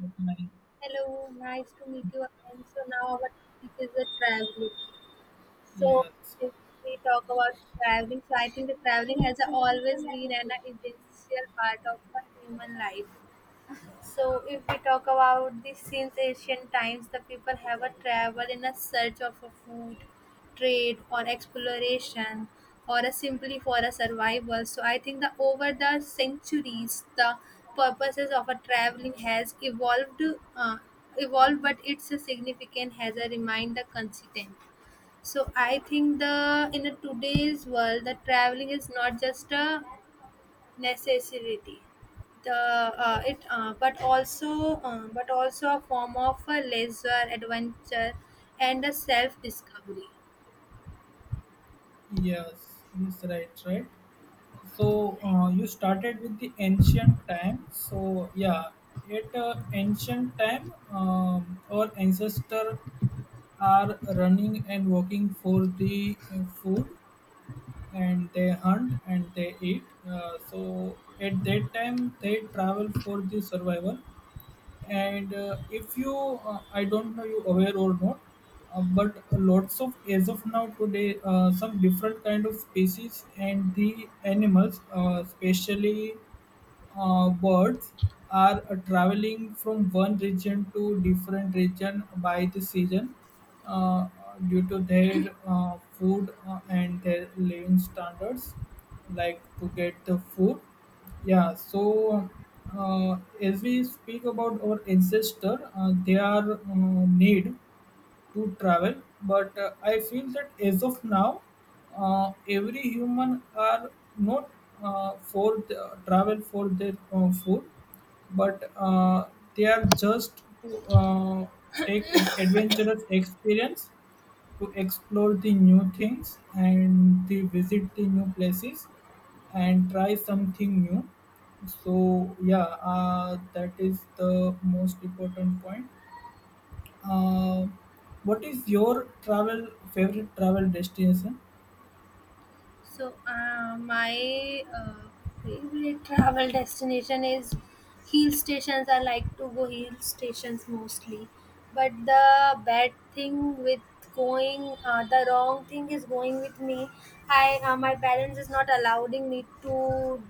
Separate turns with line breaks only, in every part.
But my-
Hello, nice to meet you again. So now our topic is the traveling. So
Yes,
if we talk about traveling, so I think the traveling has always been an essential part of the human life. So, if we talk about this since ancient times, the people have a travel in a search of a food, trade, or exploration, or a simply for a survival. So, I think that over the centuries, the purposes of a traveling has evolved, uh, evolved, but its significance has a remained the consistent. So, I think the in a today's world, the traveling is not just a necessity the it but also a form of a leisure adventure and a self discovery.
yes, yes, right, right. So you started with the ancient time. So yeah, at ancient time, our ancestor are running and working for the food, and they hunt and they eat. So at that time, they travel for the survival and if you, I don't know you aware or not, but lots of as of now today, some different kind of species and the animals, especially birds are traveling from one region to different region by the season, uh, due to their food and their living standards, like to get the food. Yeah, so as we speak about our ancestor, their need to travel, but I feel that as of now, every human are not, for the, travel for their food, but they are just to take adventurous experience, to explore the new things and to visit the new places and try something new. So yeah, that is the most important point. uh, what is your travel favorite travel destination?
So, my favorite travel destination is hill stations. I like to go hill stations mostly. But the bad thing with the wrong thing is going with me. I My parents is not allowing me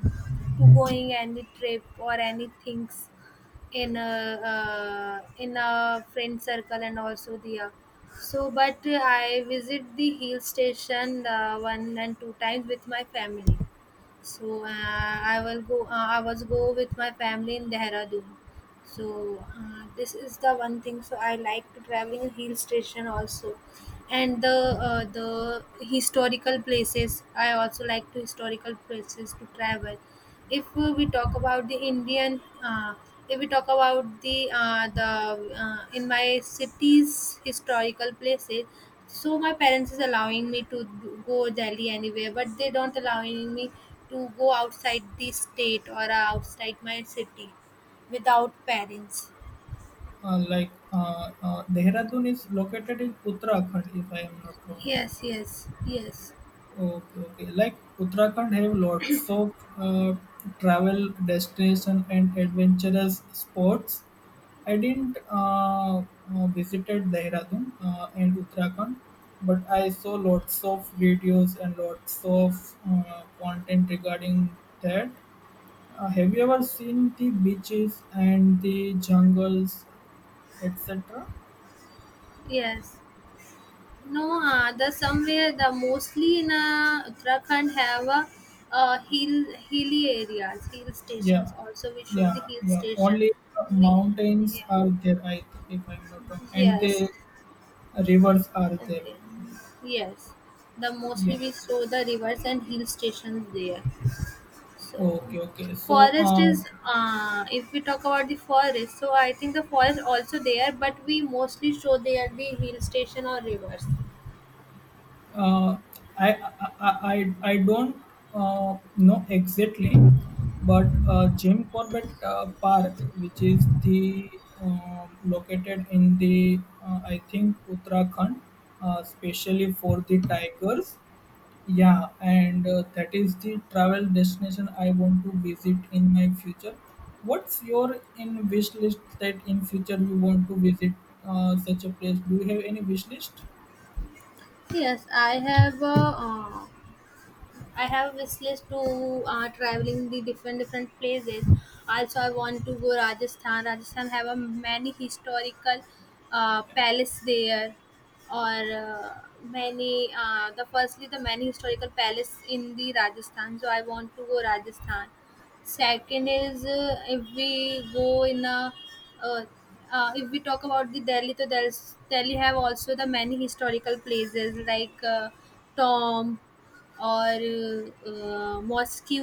to going any trip or anything in a in a friend circle and also the so but I visit the hill station one and two times with my family. So I was go with my family in dehradun. So this is the one thing, so I like to traveling in hill station also. And the historical places, I also like to historical places to travel. If we talk about the indian If we talk about the in my city's historical places. So my parents is allowing me to go delhi anywhere, but they don't allowing me to go outside the state or outside my city without parents.
Like, Dehradun is located in Uttarakhand, if I am not wrong.
Yes, yes, yes.
Okay, okay. Like Uttarakhand have lots of travel destination and adventurous sports. I didn't visited Dehradun and Uttarakhand, but I saw lots of videos and lots of content regarding that. Have you ever seen the beaches and the jungles, etc.?
yes. No, the somewhere the mostly in Uttarakhand have a hilly areas, hill
Yeah,
stations. Also, we show the
yeah,
hill
yeah.
station.
Only
We
mountains
Yeah,
are there, if I'm not wrong, and the
yes,
rivers are there.
okay, yes. The
Yeah.
mostly we show the rivers and hill stations there. So,
Okay, okay. So,
forest is, if we talk about the forest, so I think the forest also there, but we mostly show there the hill station or rivers.
Uh, I, I I don't know exactly, but Jim Corbett Park, which is the located in the, I think, Uttarakhand, especially for the tigers. Yeah, and that is the travel destination I want to visit in my future. What's your in wish list that in future you want to visit such a place? Do you have any wish list?
Yes, I have. I have wish list to traveling the different different places. Also, I want to go Rajasthan. Rajasthan have a many historical palace there, or many the firstly the many historical palace in the Rajasthan. So I want to go Rajasthan. Second is, if we go in a uh, if we talk about the Delhi, so there's Delhi have also the many historical places, like Tomb or mosques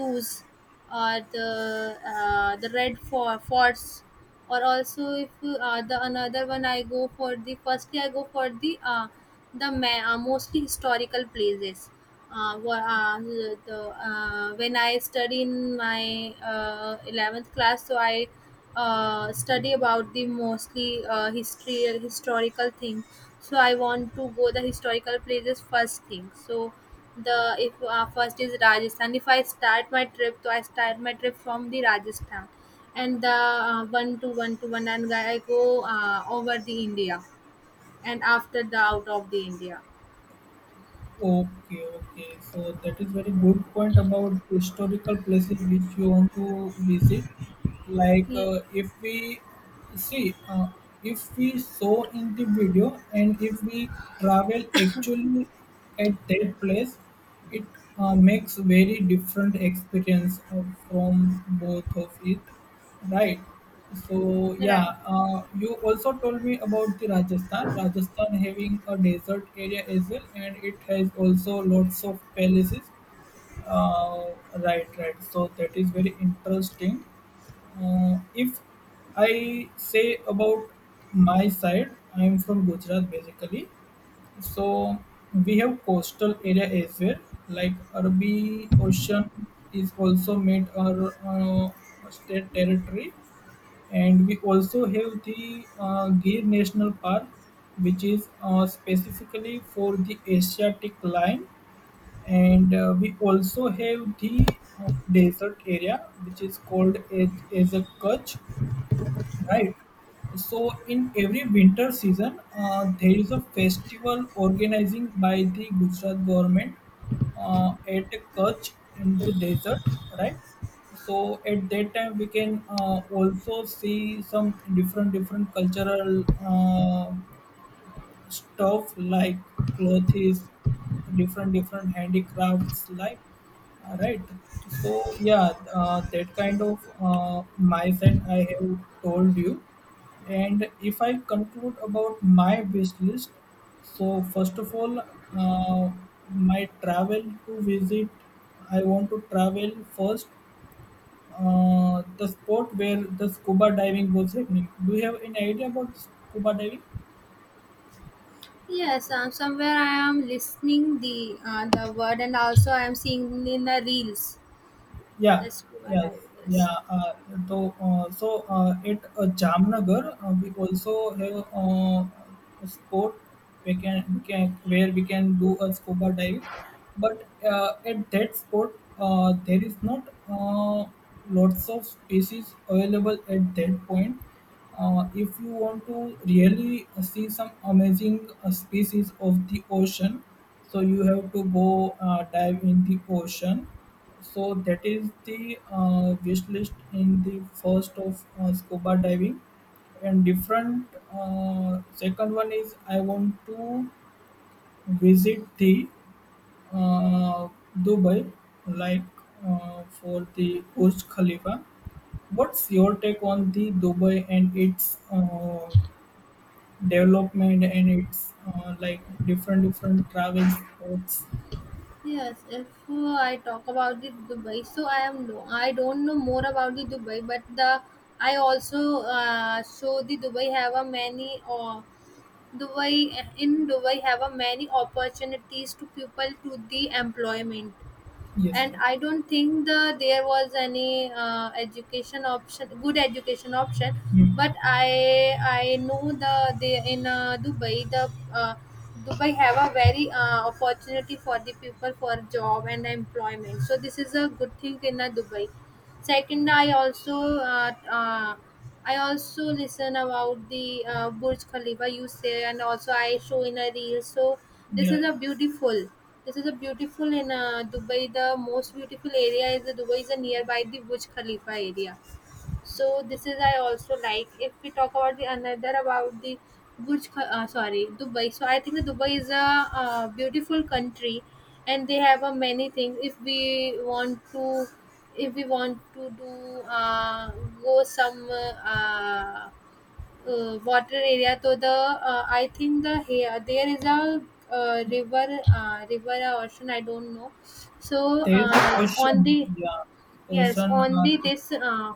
or the red forts, or also if the another one I go for the firstly I go for the mostly historical places. uh, wha- uh, the, when I study in my 11th class, so I study about the mostly history historical thing. So I want to go the historical places first thing. So the, if first is rajasthan. If I start my trip, so I start my trip from the rajasthan, and the one to one, and I go over the India, and after the out of the India.
Okay, okay. So that is very good point about historical places which you want to visit. Like,
Yeah,
see, uh, if we saw in the video and if we travel actually at that place, it makes very different experience of, from both of it. Right. So
right.
yeah, you also told me about the Rajasthan. Rajasthan having a desert area as well, and it has also lots of palaces. Uh, right, right. So that is very interesting. If I say about my side, I am from Gujarat basically. So we have coastal area as well, like Arabi Ocean is also made our state territory, and we also have the Gir National Park, which is specifically for the Asiatic lion, and we also have the desert area, which is called as a Kutch. Right. So in every winter season, there is a festival organizing by the Gujarat government at Kutch in the desert, right? So at that time, we can also see some different different cultural stuff like clothes, different different handicrafts, like. Right. So yeah, that kind of mindset I have told you. And if I conclude about my wish list, so first of all, uh, my travel to visit, I want to travel first the spot where the scuba diving was happening. Do you have any idea about scuba diving?
Yes, somewhere I am listening the word, and also I am seeing in the reels
Yeah,
the scuba
yes,
diving.
yeah. So at Jamnagar, we also have a sport we can where we can do a scuba diving, but at that sport there is not lots of species available at that point. If you want to really see some amazing species of the ocean, so you have to go dive in the ocean. So that is the wish list in the first of scuba diving, and different. Second one is I want to visit the, uh, Dubai, like for the Burj Khalifa. What's your take on the Dubai and its development and its, like, different different travel spots?
Yes, yes. If I talk about the Dubai, so I am no, I don't know more about the Dubai, but the I also show the Dubai have a many, Dubai in Dubai have a many opportunities to people to the employment,
Yes,
and
sir.
I don't think the there was any education option, good education option,
Hmm.
but I know the they in Dubai the Dubai have a very opportunity for the people for job and employment. So this is a good thing in Dubai. Second, uh, uh, I also listen about the Burj Khalifa, you say, and also I show in a reel. So this
Yeah,
is
yeah,
a beautiful. This is a beautiful in Dubai. The most beautiful area is the Dubai is a nearby the Burj Khalifa area. So this is I also like. If we talk about the another about the sorry, Dubai. So I think that Dubai is a beautiful country, and they have a many things. If we want to do, go some water area, so the I think the here there is a
yeah.
river, river or ocean. I don't know. So
There is a
on the
ocean, yeah,
Yes,
ocean
on the
are there.
this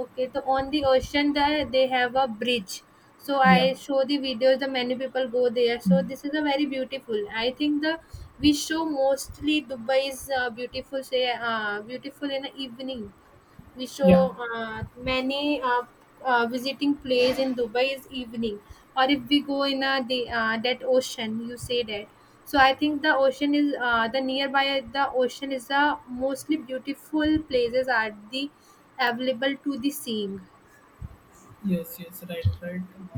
okay, so on the ocean there they have a bridge. So
Yeah,
I show the videos. The many people go there. So
mm,
this is a very beautiful. I think the we show mostly Dubai is beautiful. Say beautiful in the evening. We
yeah,
show many visiting place in Dubai is evening, or if we go in a the that ocean, you say that. So I think the ocean is the nearby the ocean is the mostly beautiful places are the available to the seeing.
yes, yes, right, right.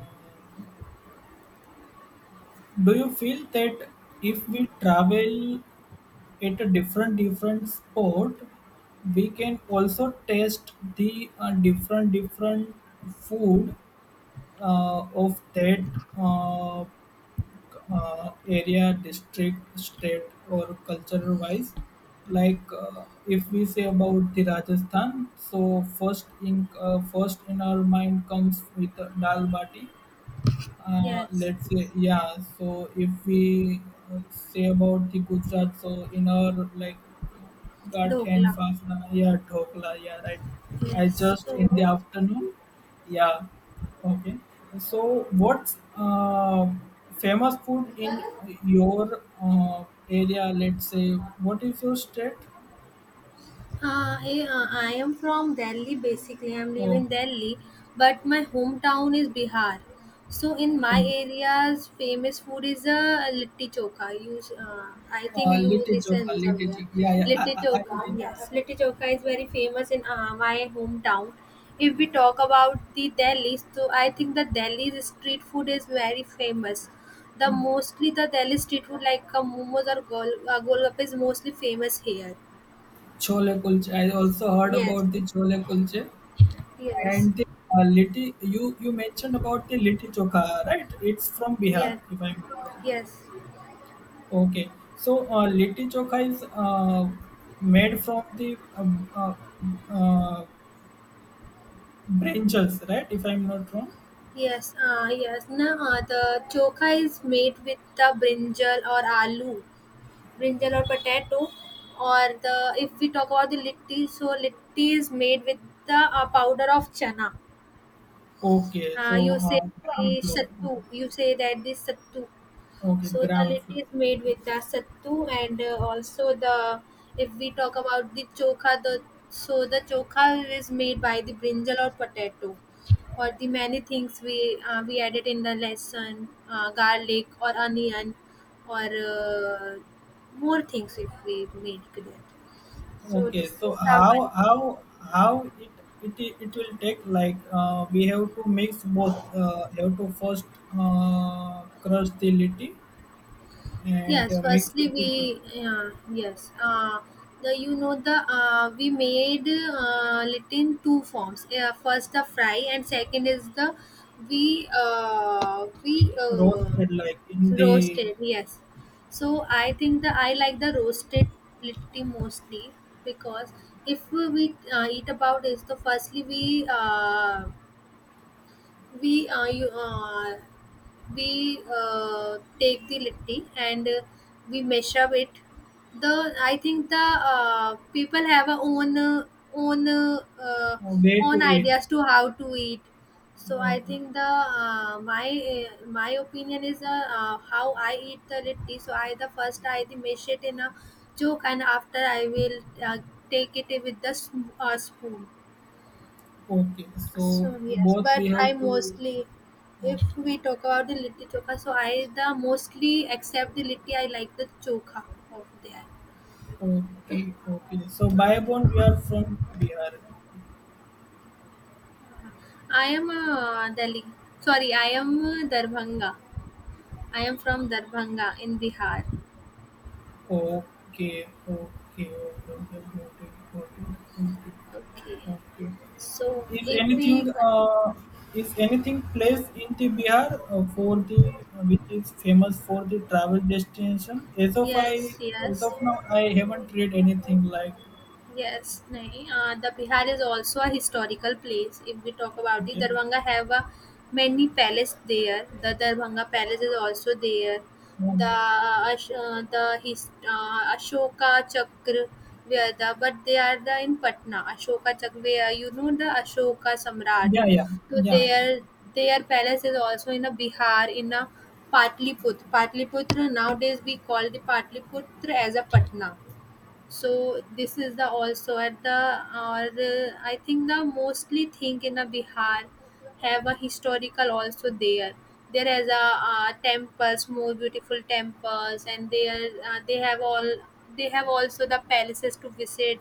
Do you feel that if we travel at a different different sport, we can also taste the different different food of that, uh, area, district, state, or cultural wise. Like, if we say about the Rajasthan, so first in our mind comes with dal bati,
Yes,
let's say. Yeah, so if we say about the Gujarat, so in our, like, gathi
Dokla.
and yeah, dhokla, yeah, right. I
Yes.
just in the
So
afternoon. Yeah. Okay. So what's famous food in your area, let's say, what is your state?
I am from Delhi basically. I'm living
Oh,
in Delhi, but my hometown is Bihar. So in my area's famous food is a litti choka. I think you
little
listen
Joka, little
somewhere.
Joka. Yeah, yeah.
Litti choka, yes. Litti choka is very famous in my hometown. If we talk about the Delhi, so I think the Delhi's street food is very famous. The mostly the Delhi street food like momos or golgappa is mostly famous here.
Chole kulche. I also heard
Yes.
about the chole kulche.
Yes,
And the litti, you mentioned about the litti chokha, right? It's from Bihar,
yes,
if I'm not wrong.
yes,
Okay, so litti chokha is made from the uh, uh, branches, right? If I'm not wrong.
yes. No, the chokha is made with the brinjal or aloo, brinjal or potato, or the if we talk about the litti, so litti is made with the powder of chana.
Okay, so
You say the
gram flour.
sattu, you say that this sattu.
Okay,
So the
gram
litti
flour.
is made with the sattu, and also the if we talk about the chokha, the so the chokha is made by the brinjal or potato, or the many things we added in the lesson, garlic or onion, or more things if we made with it. So
Okay,
this
so
is the
how
one.
how how it will take, like, we have to mix both. Have to first crush the litti and
Yes,
mixed
firstly
with the
we yeah, yes. The you know the we made it in two forms. First the fry, and second is the we
roasted, like, in the,
roasted. Yes. So I think the I like the roasted litti mostly, because if we eat about is the firstly we we uh, you, uh, take the litti, and we measure it the I think the people have a own own uh, uh,
way to
own
eat.
ideas to how to eat. So I
Okay.
think the my my opinion is how I eat the litti. So I the first I the measure it in a joke, and after I will uh, take it with the spoon.
Okay, so
So yes,
both we
but I
have to.
mostly, if
Okay,
we talk about the litti chokha, so I the mostly except the litti, I like the chokha of there.
okay, okay. So Bayabon, we are from Bihar.
I am Delhi. Sorry, I am Darbhanga. I am from Darbhanga in Bihar.
Okay, okay, okay, okay, got it, got it, got
Okay.
it. Okay.
So
If
if we,
anything,
con-
uh, if anything place in the Bihar for the, which is famous for the travel destination.
yes,
As
yes.
of now, I haven't read anything like.
Yes, nahi. The Bihar is also a historical place. If we talk about the
Okay.
Darbhanga, have a many palace there. The Darbhanga Palace is also there. The
Um,
Ashoka Chakra, where the but they are the in Patna. Ashoka Chakra, where you know the Ashoka Samrat.
yeah, yeah,
So
yeah, yeah.
their palace is also in a Bihar in a Patliputra. Patliputra nowadays we call the Patliputra as a Patna. So this is the also at the or the, I think the mostly thing in a bihar have a historical also there. There is a temples, more beautiful temples, and they are uh, they have all they have also the palaces to visit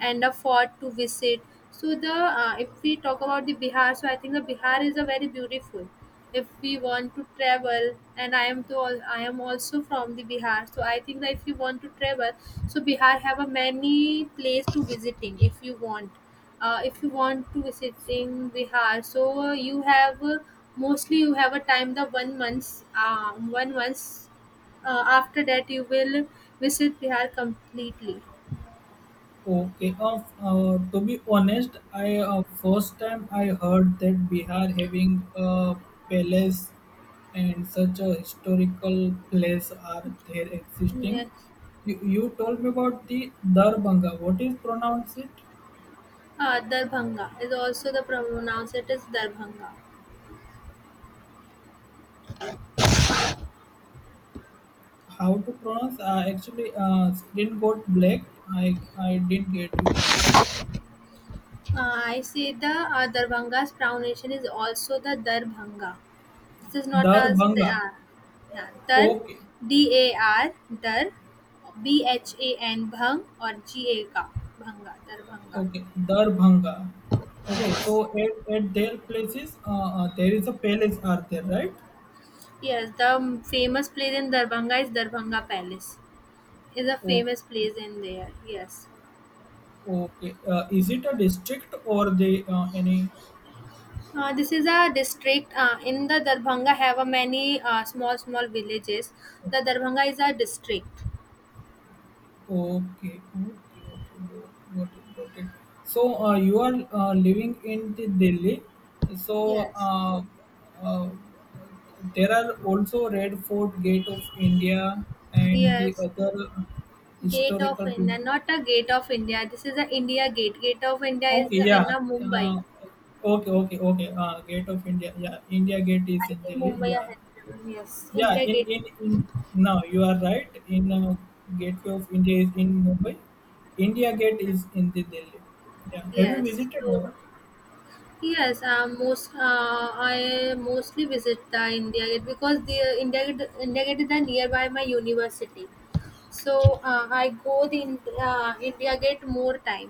and afford to visit. So the, if we talk about the Bihar, so I think the Bihar is a very beautiful. If we want to travel, and I am to I am also from the Bihar, so I think that if you want to travel, so Bihar have a many place to visiting if you want. If you want to visiting Bihar, so you have mostly you have a time the 1 months one months after that you will visit Bihar completely.
Okay. To be honest, I, first time I heard that Bihar having a palace and such a historical place are there existing.
Yes.
You told me about the Darbanga. What is pronounce it?
Darbhanga is also the pronounced it is Darbhanga.
How to pronounce? Actually, screen got black. I didn't get you. Got it?
I say the Darbhanga's pronunciation is also the Darbhanga. This is not as
Darbanga.
yeah, Dar,
Okay.
D A R, Dar, BHAN, Bhang or g a GAK, Bhanga, Darbhanga.
Okay, Darbhanga. Okay,
Yes,
so at their places, there is a palace, are there, right?
yes. The famous place in Darbhanga is Darbhanga Palace. Is a famous
Okay,
place in there. Yes.
okay. Is it a district or they any?
This is a district in the Darbhanga have a many small small villages. The Darbhanga is a district.
Okay, okay, okay. Got it, got it. So you are living in the Delhi. So
Yes,
uh, there are also Red Fort, Gate of India, and the
yes.
other
Gate of
historical
India,
places.
not a gate of India. This is a India gate. Gate of India is
Okay, yeah.
in a Mumbai.
Uh, okay, okay, okay. Gate of India. Yeah, India Gate is
I
in
think
Delhi.
Mumbai or
Yeah,
Hyderabad. Yes,
yeah.
India
In
gate.
in in. Now you are right. In, Gateway of India is in Mumbai. India Gate is in the Delhi. Yeah. Have you
Yes.
visited
So
ever?
yes, most I mostly visit the India gate because the India gate is the nearby my university. So I go the india gate more time.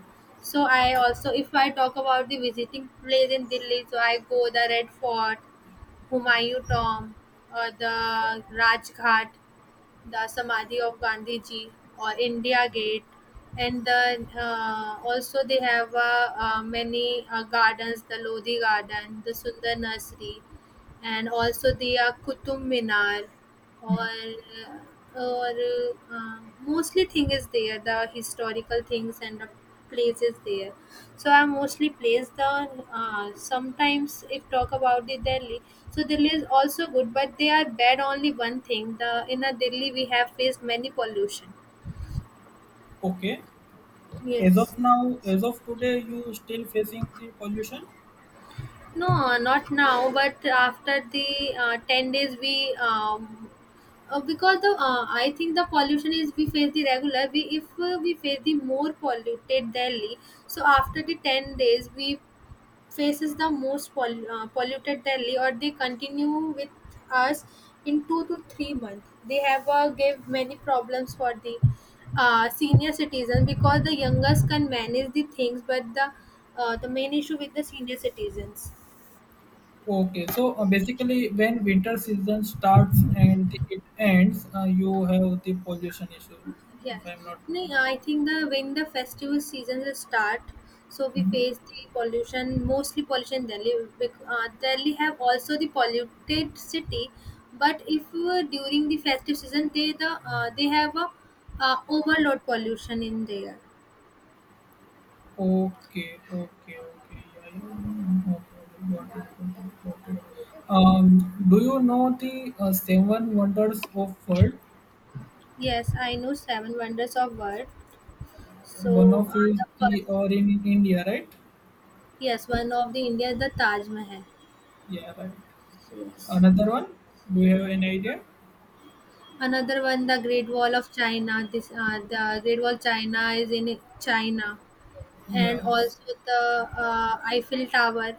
So I also, if I talk about the visiting place in delhi, so I go the red fort, humayun tomb or the rajghat, the samadhi of gandhi ji or india gate. And the also they have many gardens, the lodhi garden, the sundar nursery and also the Qutub Minar or or mostly thing is there, the historical things and the places there. So I mostly place the. Sometimes if talk about the delhi, so delhi is also good but they are bad only one thing, the in a delhi we have faced many pollution.
Okay. As
Yes.
of now, as of today, you still facing the pollution.
No, not now, but after the 10 days, we, because the I think the pollution is we face the regular. We, if we face the more polluted Delhi, so after the 10 days, we faces the most polluted Delhi, or they continue with us in 2 to 3 months. They have gave many problems for the senior citizens because the youngest can manage the things, but the main issue with the senior citizens.
Okay, so basically, when winter season starts and it ends, you have the pollution issue, if
Yes,
I'm not
no,
wrong.
yeah, I think the when the festival seasons start, so we face the pollution, mostly pollution in Delhi. Delhi have also the polluted city, but if during the festive season they the they have a overload pollution in there.
Okay, okay, okay. Yeah, yeah, yeah, yeah. Okay, okay. Got it, got it, got it. Do you know the seven wonders of world?
Yes, I know seven wonders of world.
One
So
of is
the
the
first,
or in India, right?
yes, one of the India is the Taj Mahal.
Yeah, right.
Yes.
Another one? Do you have any idea?
Another one, the Great Wall of China. This the Great Wall of China is in China. And
Yes,
also the Eiffel Tower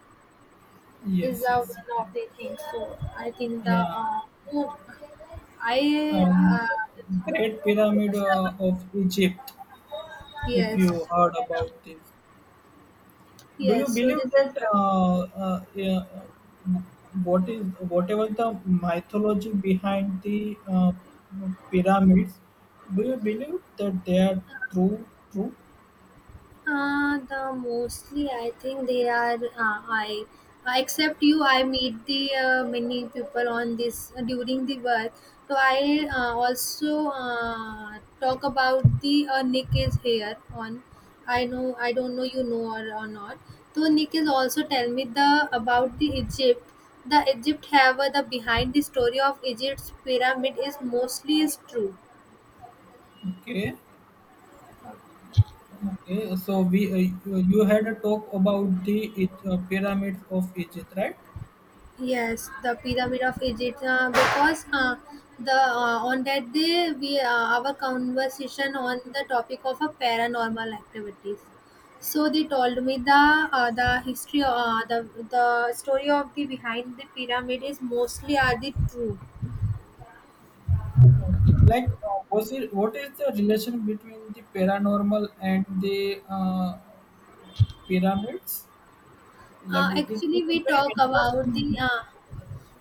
is
yes,
the
yes,
one
right.
of the things. So I think the
Yeah,
oh, I
and Great Pyramid of Egypt. If
yes,
you heard about this. Do you
yes. So
believe
this
that,
is the.
yeah, whatever the mythology behind the pyramids, do you believe that they are true, true?
The mostly I think they are I except you, I meet the many people on this during the work. So I also talk about the Nick is here on. I know I don't know, you know, or not. So Nick is also tell me the about the Egypt. The Egypt have the behind the story of Egypt's pyramid is mostly is true.
Okay, okay. So we you had a talk about the pyramids of Egypt, right?
Yes, the pyramid of Egypt. Because the on that day we our conversation on the topic of a paranormal activities. So they told me the history, the story of the behind the pyramid is mostly are the true.
Okay, like, was it what is the relation between the paranormal and the pyramids? Like, it
Actually,
is
we
very
talk about
interesting.
the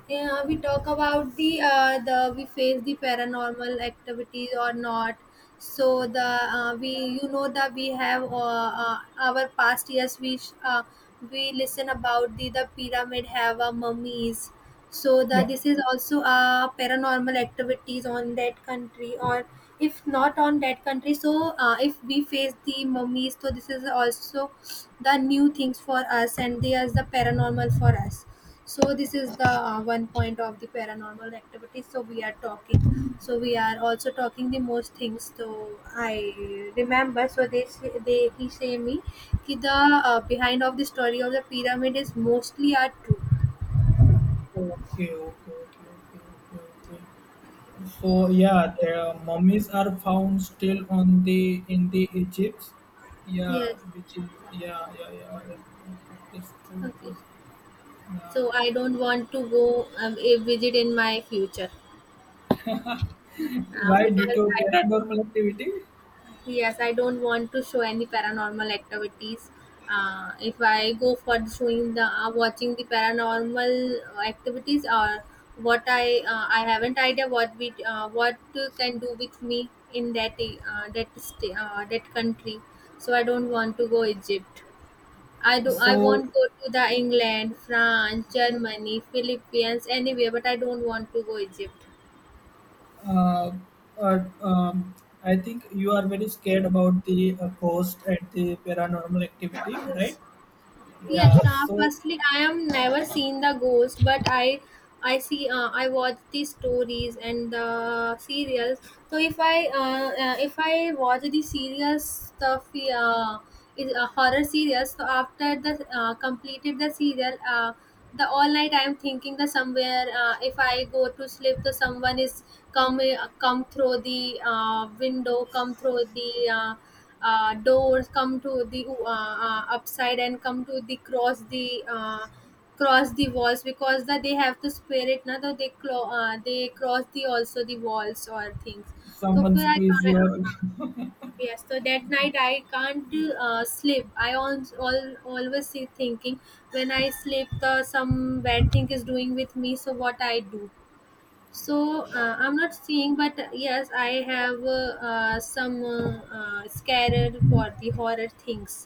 yeah, we talk about the we face the paranormal activities or not. So the we, you know that we have our past years, we listen about the pyramid have a mummies. So the
Yeah.
this is also paranormal activities on that country, or if not on that country. So if we face the mummies, so this is also the new things for us and there's the paranormal for us. So this is the one point of the paranormal activity, so we are talking, so we are also talking the most things. So I remember. So they say, they he say me ki the behind of the story of the pyramid is mostly are true.
Okay, okay, okay, okay, okay, okay. So yeah, the mummies are found still on the in the Egypt. Yeah,
Yes,
which is, yeah, yeah, yeah, yeah, yeah, it's true,
okay.
true.
So
Yeah.
I don't want to go, a visit in my future,
Why,
because
due to
I.
paranormal activity?
Yes, I don't want to show any paranormal activities. If I go for showing the watching the paranormal activities, or what I, I haven't idea what we, what can do with me in that, that sta that country. So I don't want to go Egypt. I do I
So,
won't go to the England, France, Germany, Philippines, anywhere. But I don't want to go Egypt.
uh, uh, um, I think you are very scared about the ghost and the paranormal activity, right?
Yes. Yes,
Yeah. So
firstly, I am never seen the ghost, but I see, I watch the stories and the serials. So if I watch the serials stuff, is horror serials. So after the completed the serial, the all night I am thinking that somewhere, if I go to sleep, the someone is come through the window, come through the. Doors come to the upside and come to the cross the cross the walls because that they have to spirit. It now they they cross the also the walls or things. So
someone
फिर I
squeeze
can't
your.
yes, so that night I can't sleep. I always see thinking when I sleep the some bad thing is doing with me, so what I do. So I'm not seeing but yes, I have some scared for the horror things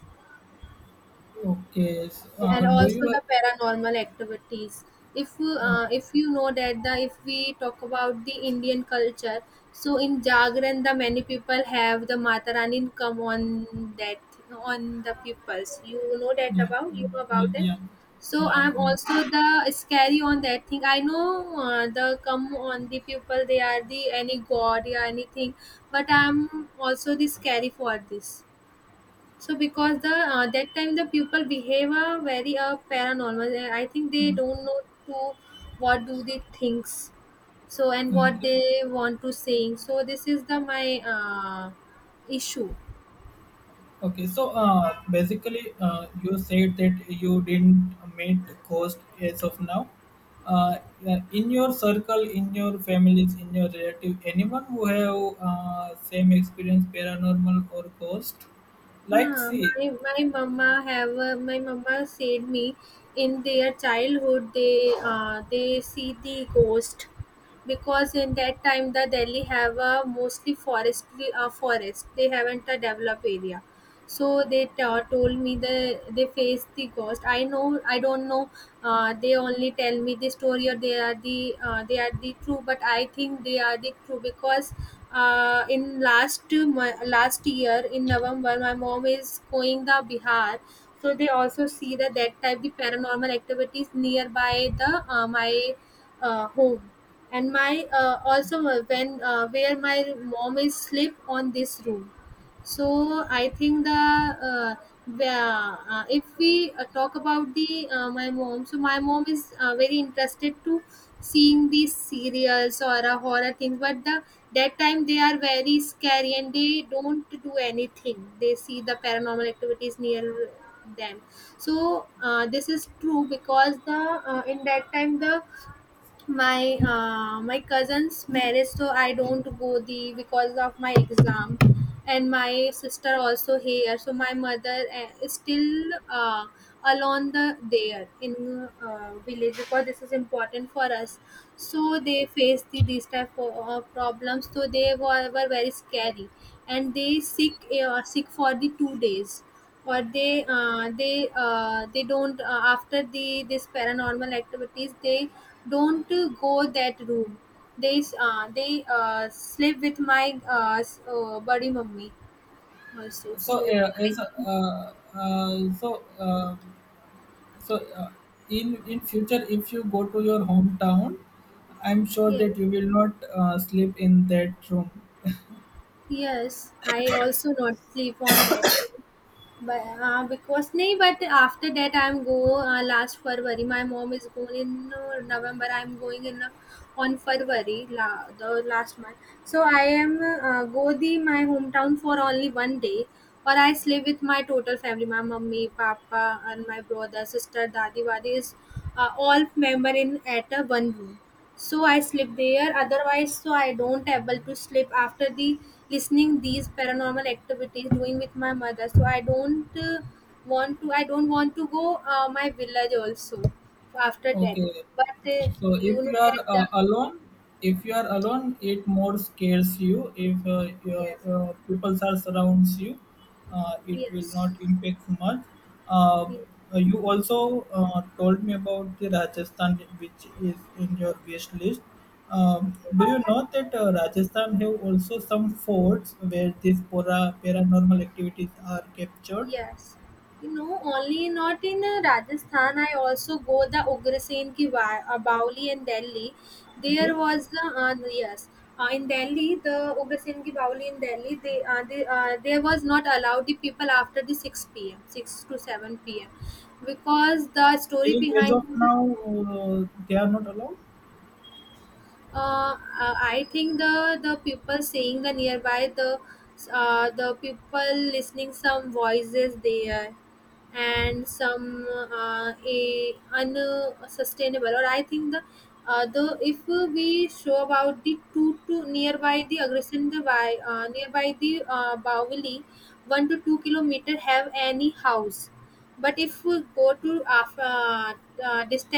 Okay. so,
and
do you
also the paranormal activities.
Uh,
If you know that the, if we talk about the indian culture, so in jagran the many people have the Mata Rani come on that, on the peoples. You know that
yeah,
about, you know
yeah,
about that.
yeah,
So
yeah,
I'm
yeah,
also the scary on that thing, I know the come on the people they are the any god or anything, but I'm also the scary for this. So because the that time the people behave very paranormal. I think they
yeah.
don't know to what do they thinks. So, and what
Okay,
they want to saying. So this is the my issue.
okay. So, basically, you said that you didn't meet cost as of now. Uh, in your circle, in your families, in your relative, anyone who have same experience, paranormal or ghost, like
Ah,
see.
my mama have, my mama said me in their childhood they see the ghost because in that time the Delhi have a mostly forest, they haven't a developed area. So told me the, they faced the ghost. I know I don't know, they only tell me the story or they are the, they are the true, but I think they are the true because in last year in november my mom is going the bihar. So they also see that, that type the paranormal activities nearby the my home. And my also when where my mom is sleep on this room, so I think the the- if we talk about the my mom, so my mom is very interested to seeing these serials or horror things, but the that time they are very scary and they don't do anything, they see the paranormal activities near them. So this is true because the in that time the my cousin's marriage, so I don't go the because of my exam. And my sister also here, so my mother is still uh, alone the there in village because this is important for us. So they face the these type of problems, so they were very scary. And they sick for the 2 days, or they they don't, after the this paranormal activities they don't go that room. They sleep with my buddy mummy also.
so
So
uh,
I
as
think.
so so in future if you go to your hometown, I'm sure
Yes,
that you will not sleep in that room.
yes, I also not sleep on that. But because nahi, but after that I'm go last february my mom is going in november, I'm going in on february la, the last month. So I am go the my hometown for only one day, or I sleep with my total family, my mummy papa and my brother sister dadi wadi is all member in at one room. So I sleep there, otherwise so I don't able to sleep after the listening these paranormal activities doing with my mother. So I don't want to, I don't want to go my village also after that.
Okay.
But
So
you know that the,
if you are alone, it more scares you. If your,
yes,
people are surrounds you, it will
yes,
not impact so much. Um,
yes.
You also told me about the Rajasthan, which is in your wish list. Um, do you know that Rajasthan have also some forts where these paranormal activities are captured?
Yes. You know, only not in Rajasthan. I also go the Ugrasen ki Bauli in Delhi.
Okay.
There was the, yes. In Delhi, the Ugrasen ki Bauli in Delhi, they, there was not allowed the people after the 6 p.m. 6 to 7 p.m. because the story
Till as
behind.
of now, uh, they are not allowed.
uh, I think the people saying the nearby the, the people listening some voices there and some a unsustainable, or I think the if we show about the two to nearby the aggression, nearby the Bawali 1 to 2 kilometer have any house. But if we go to after distance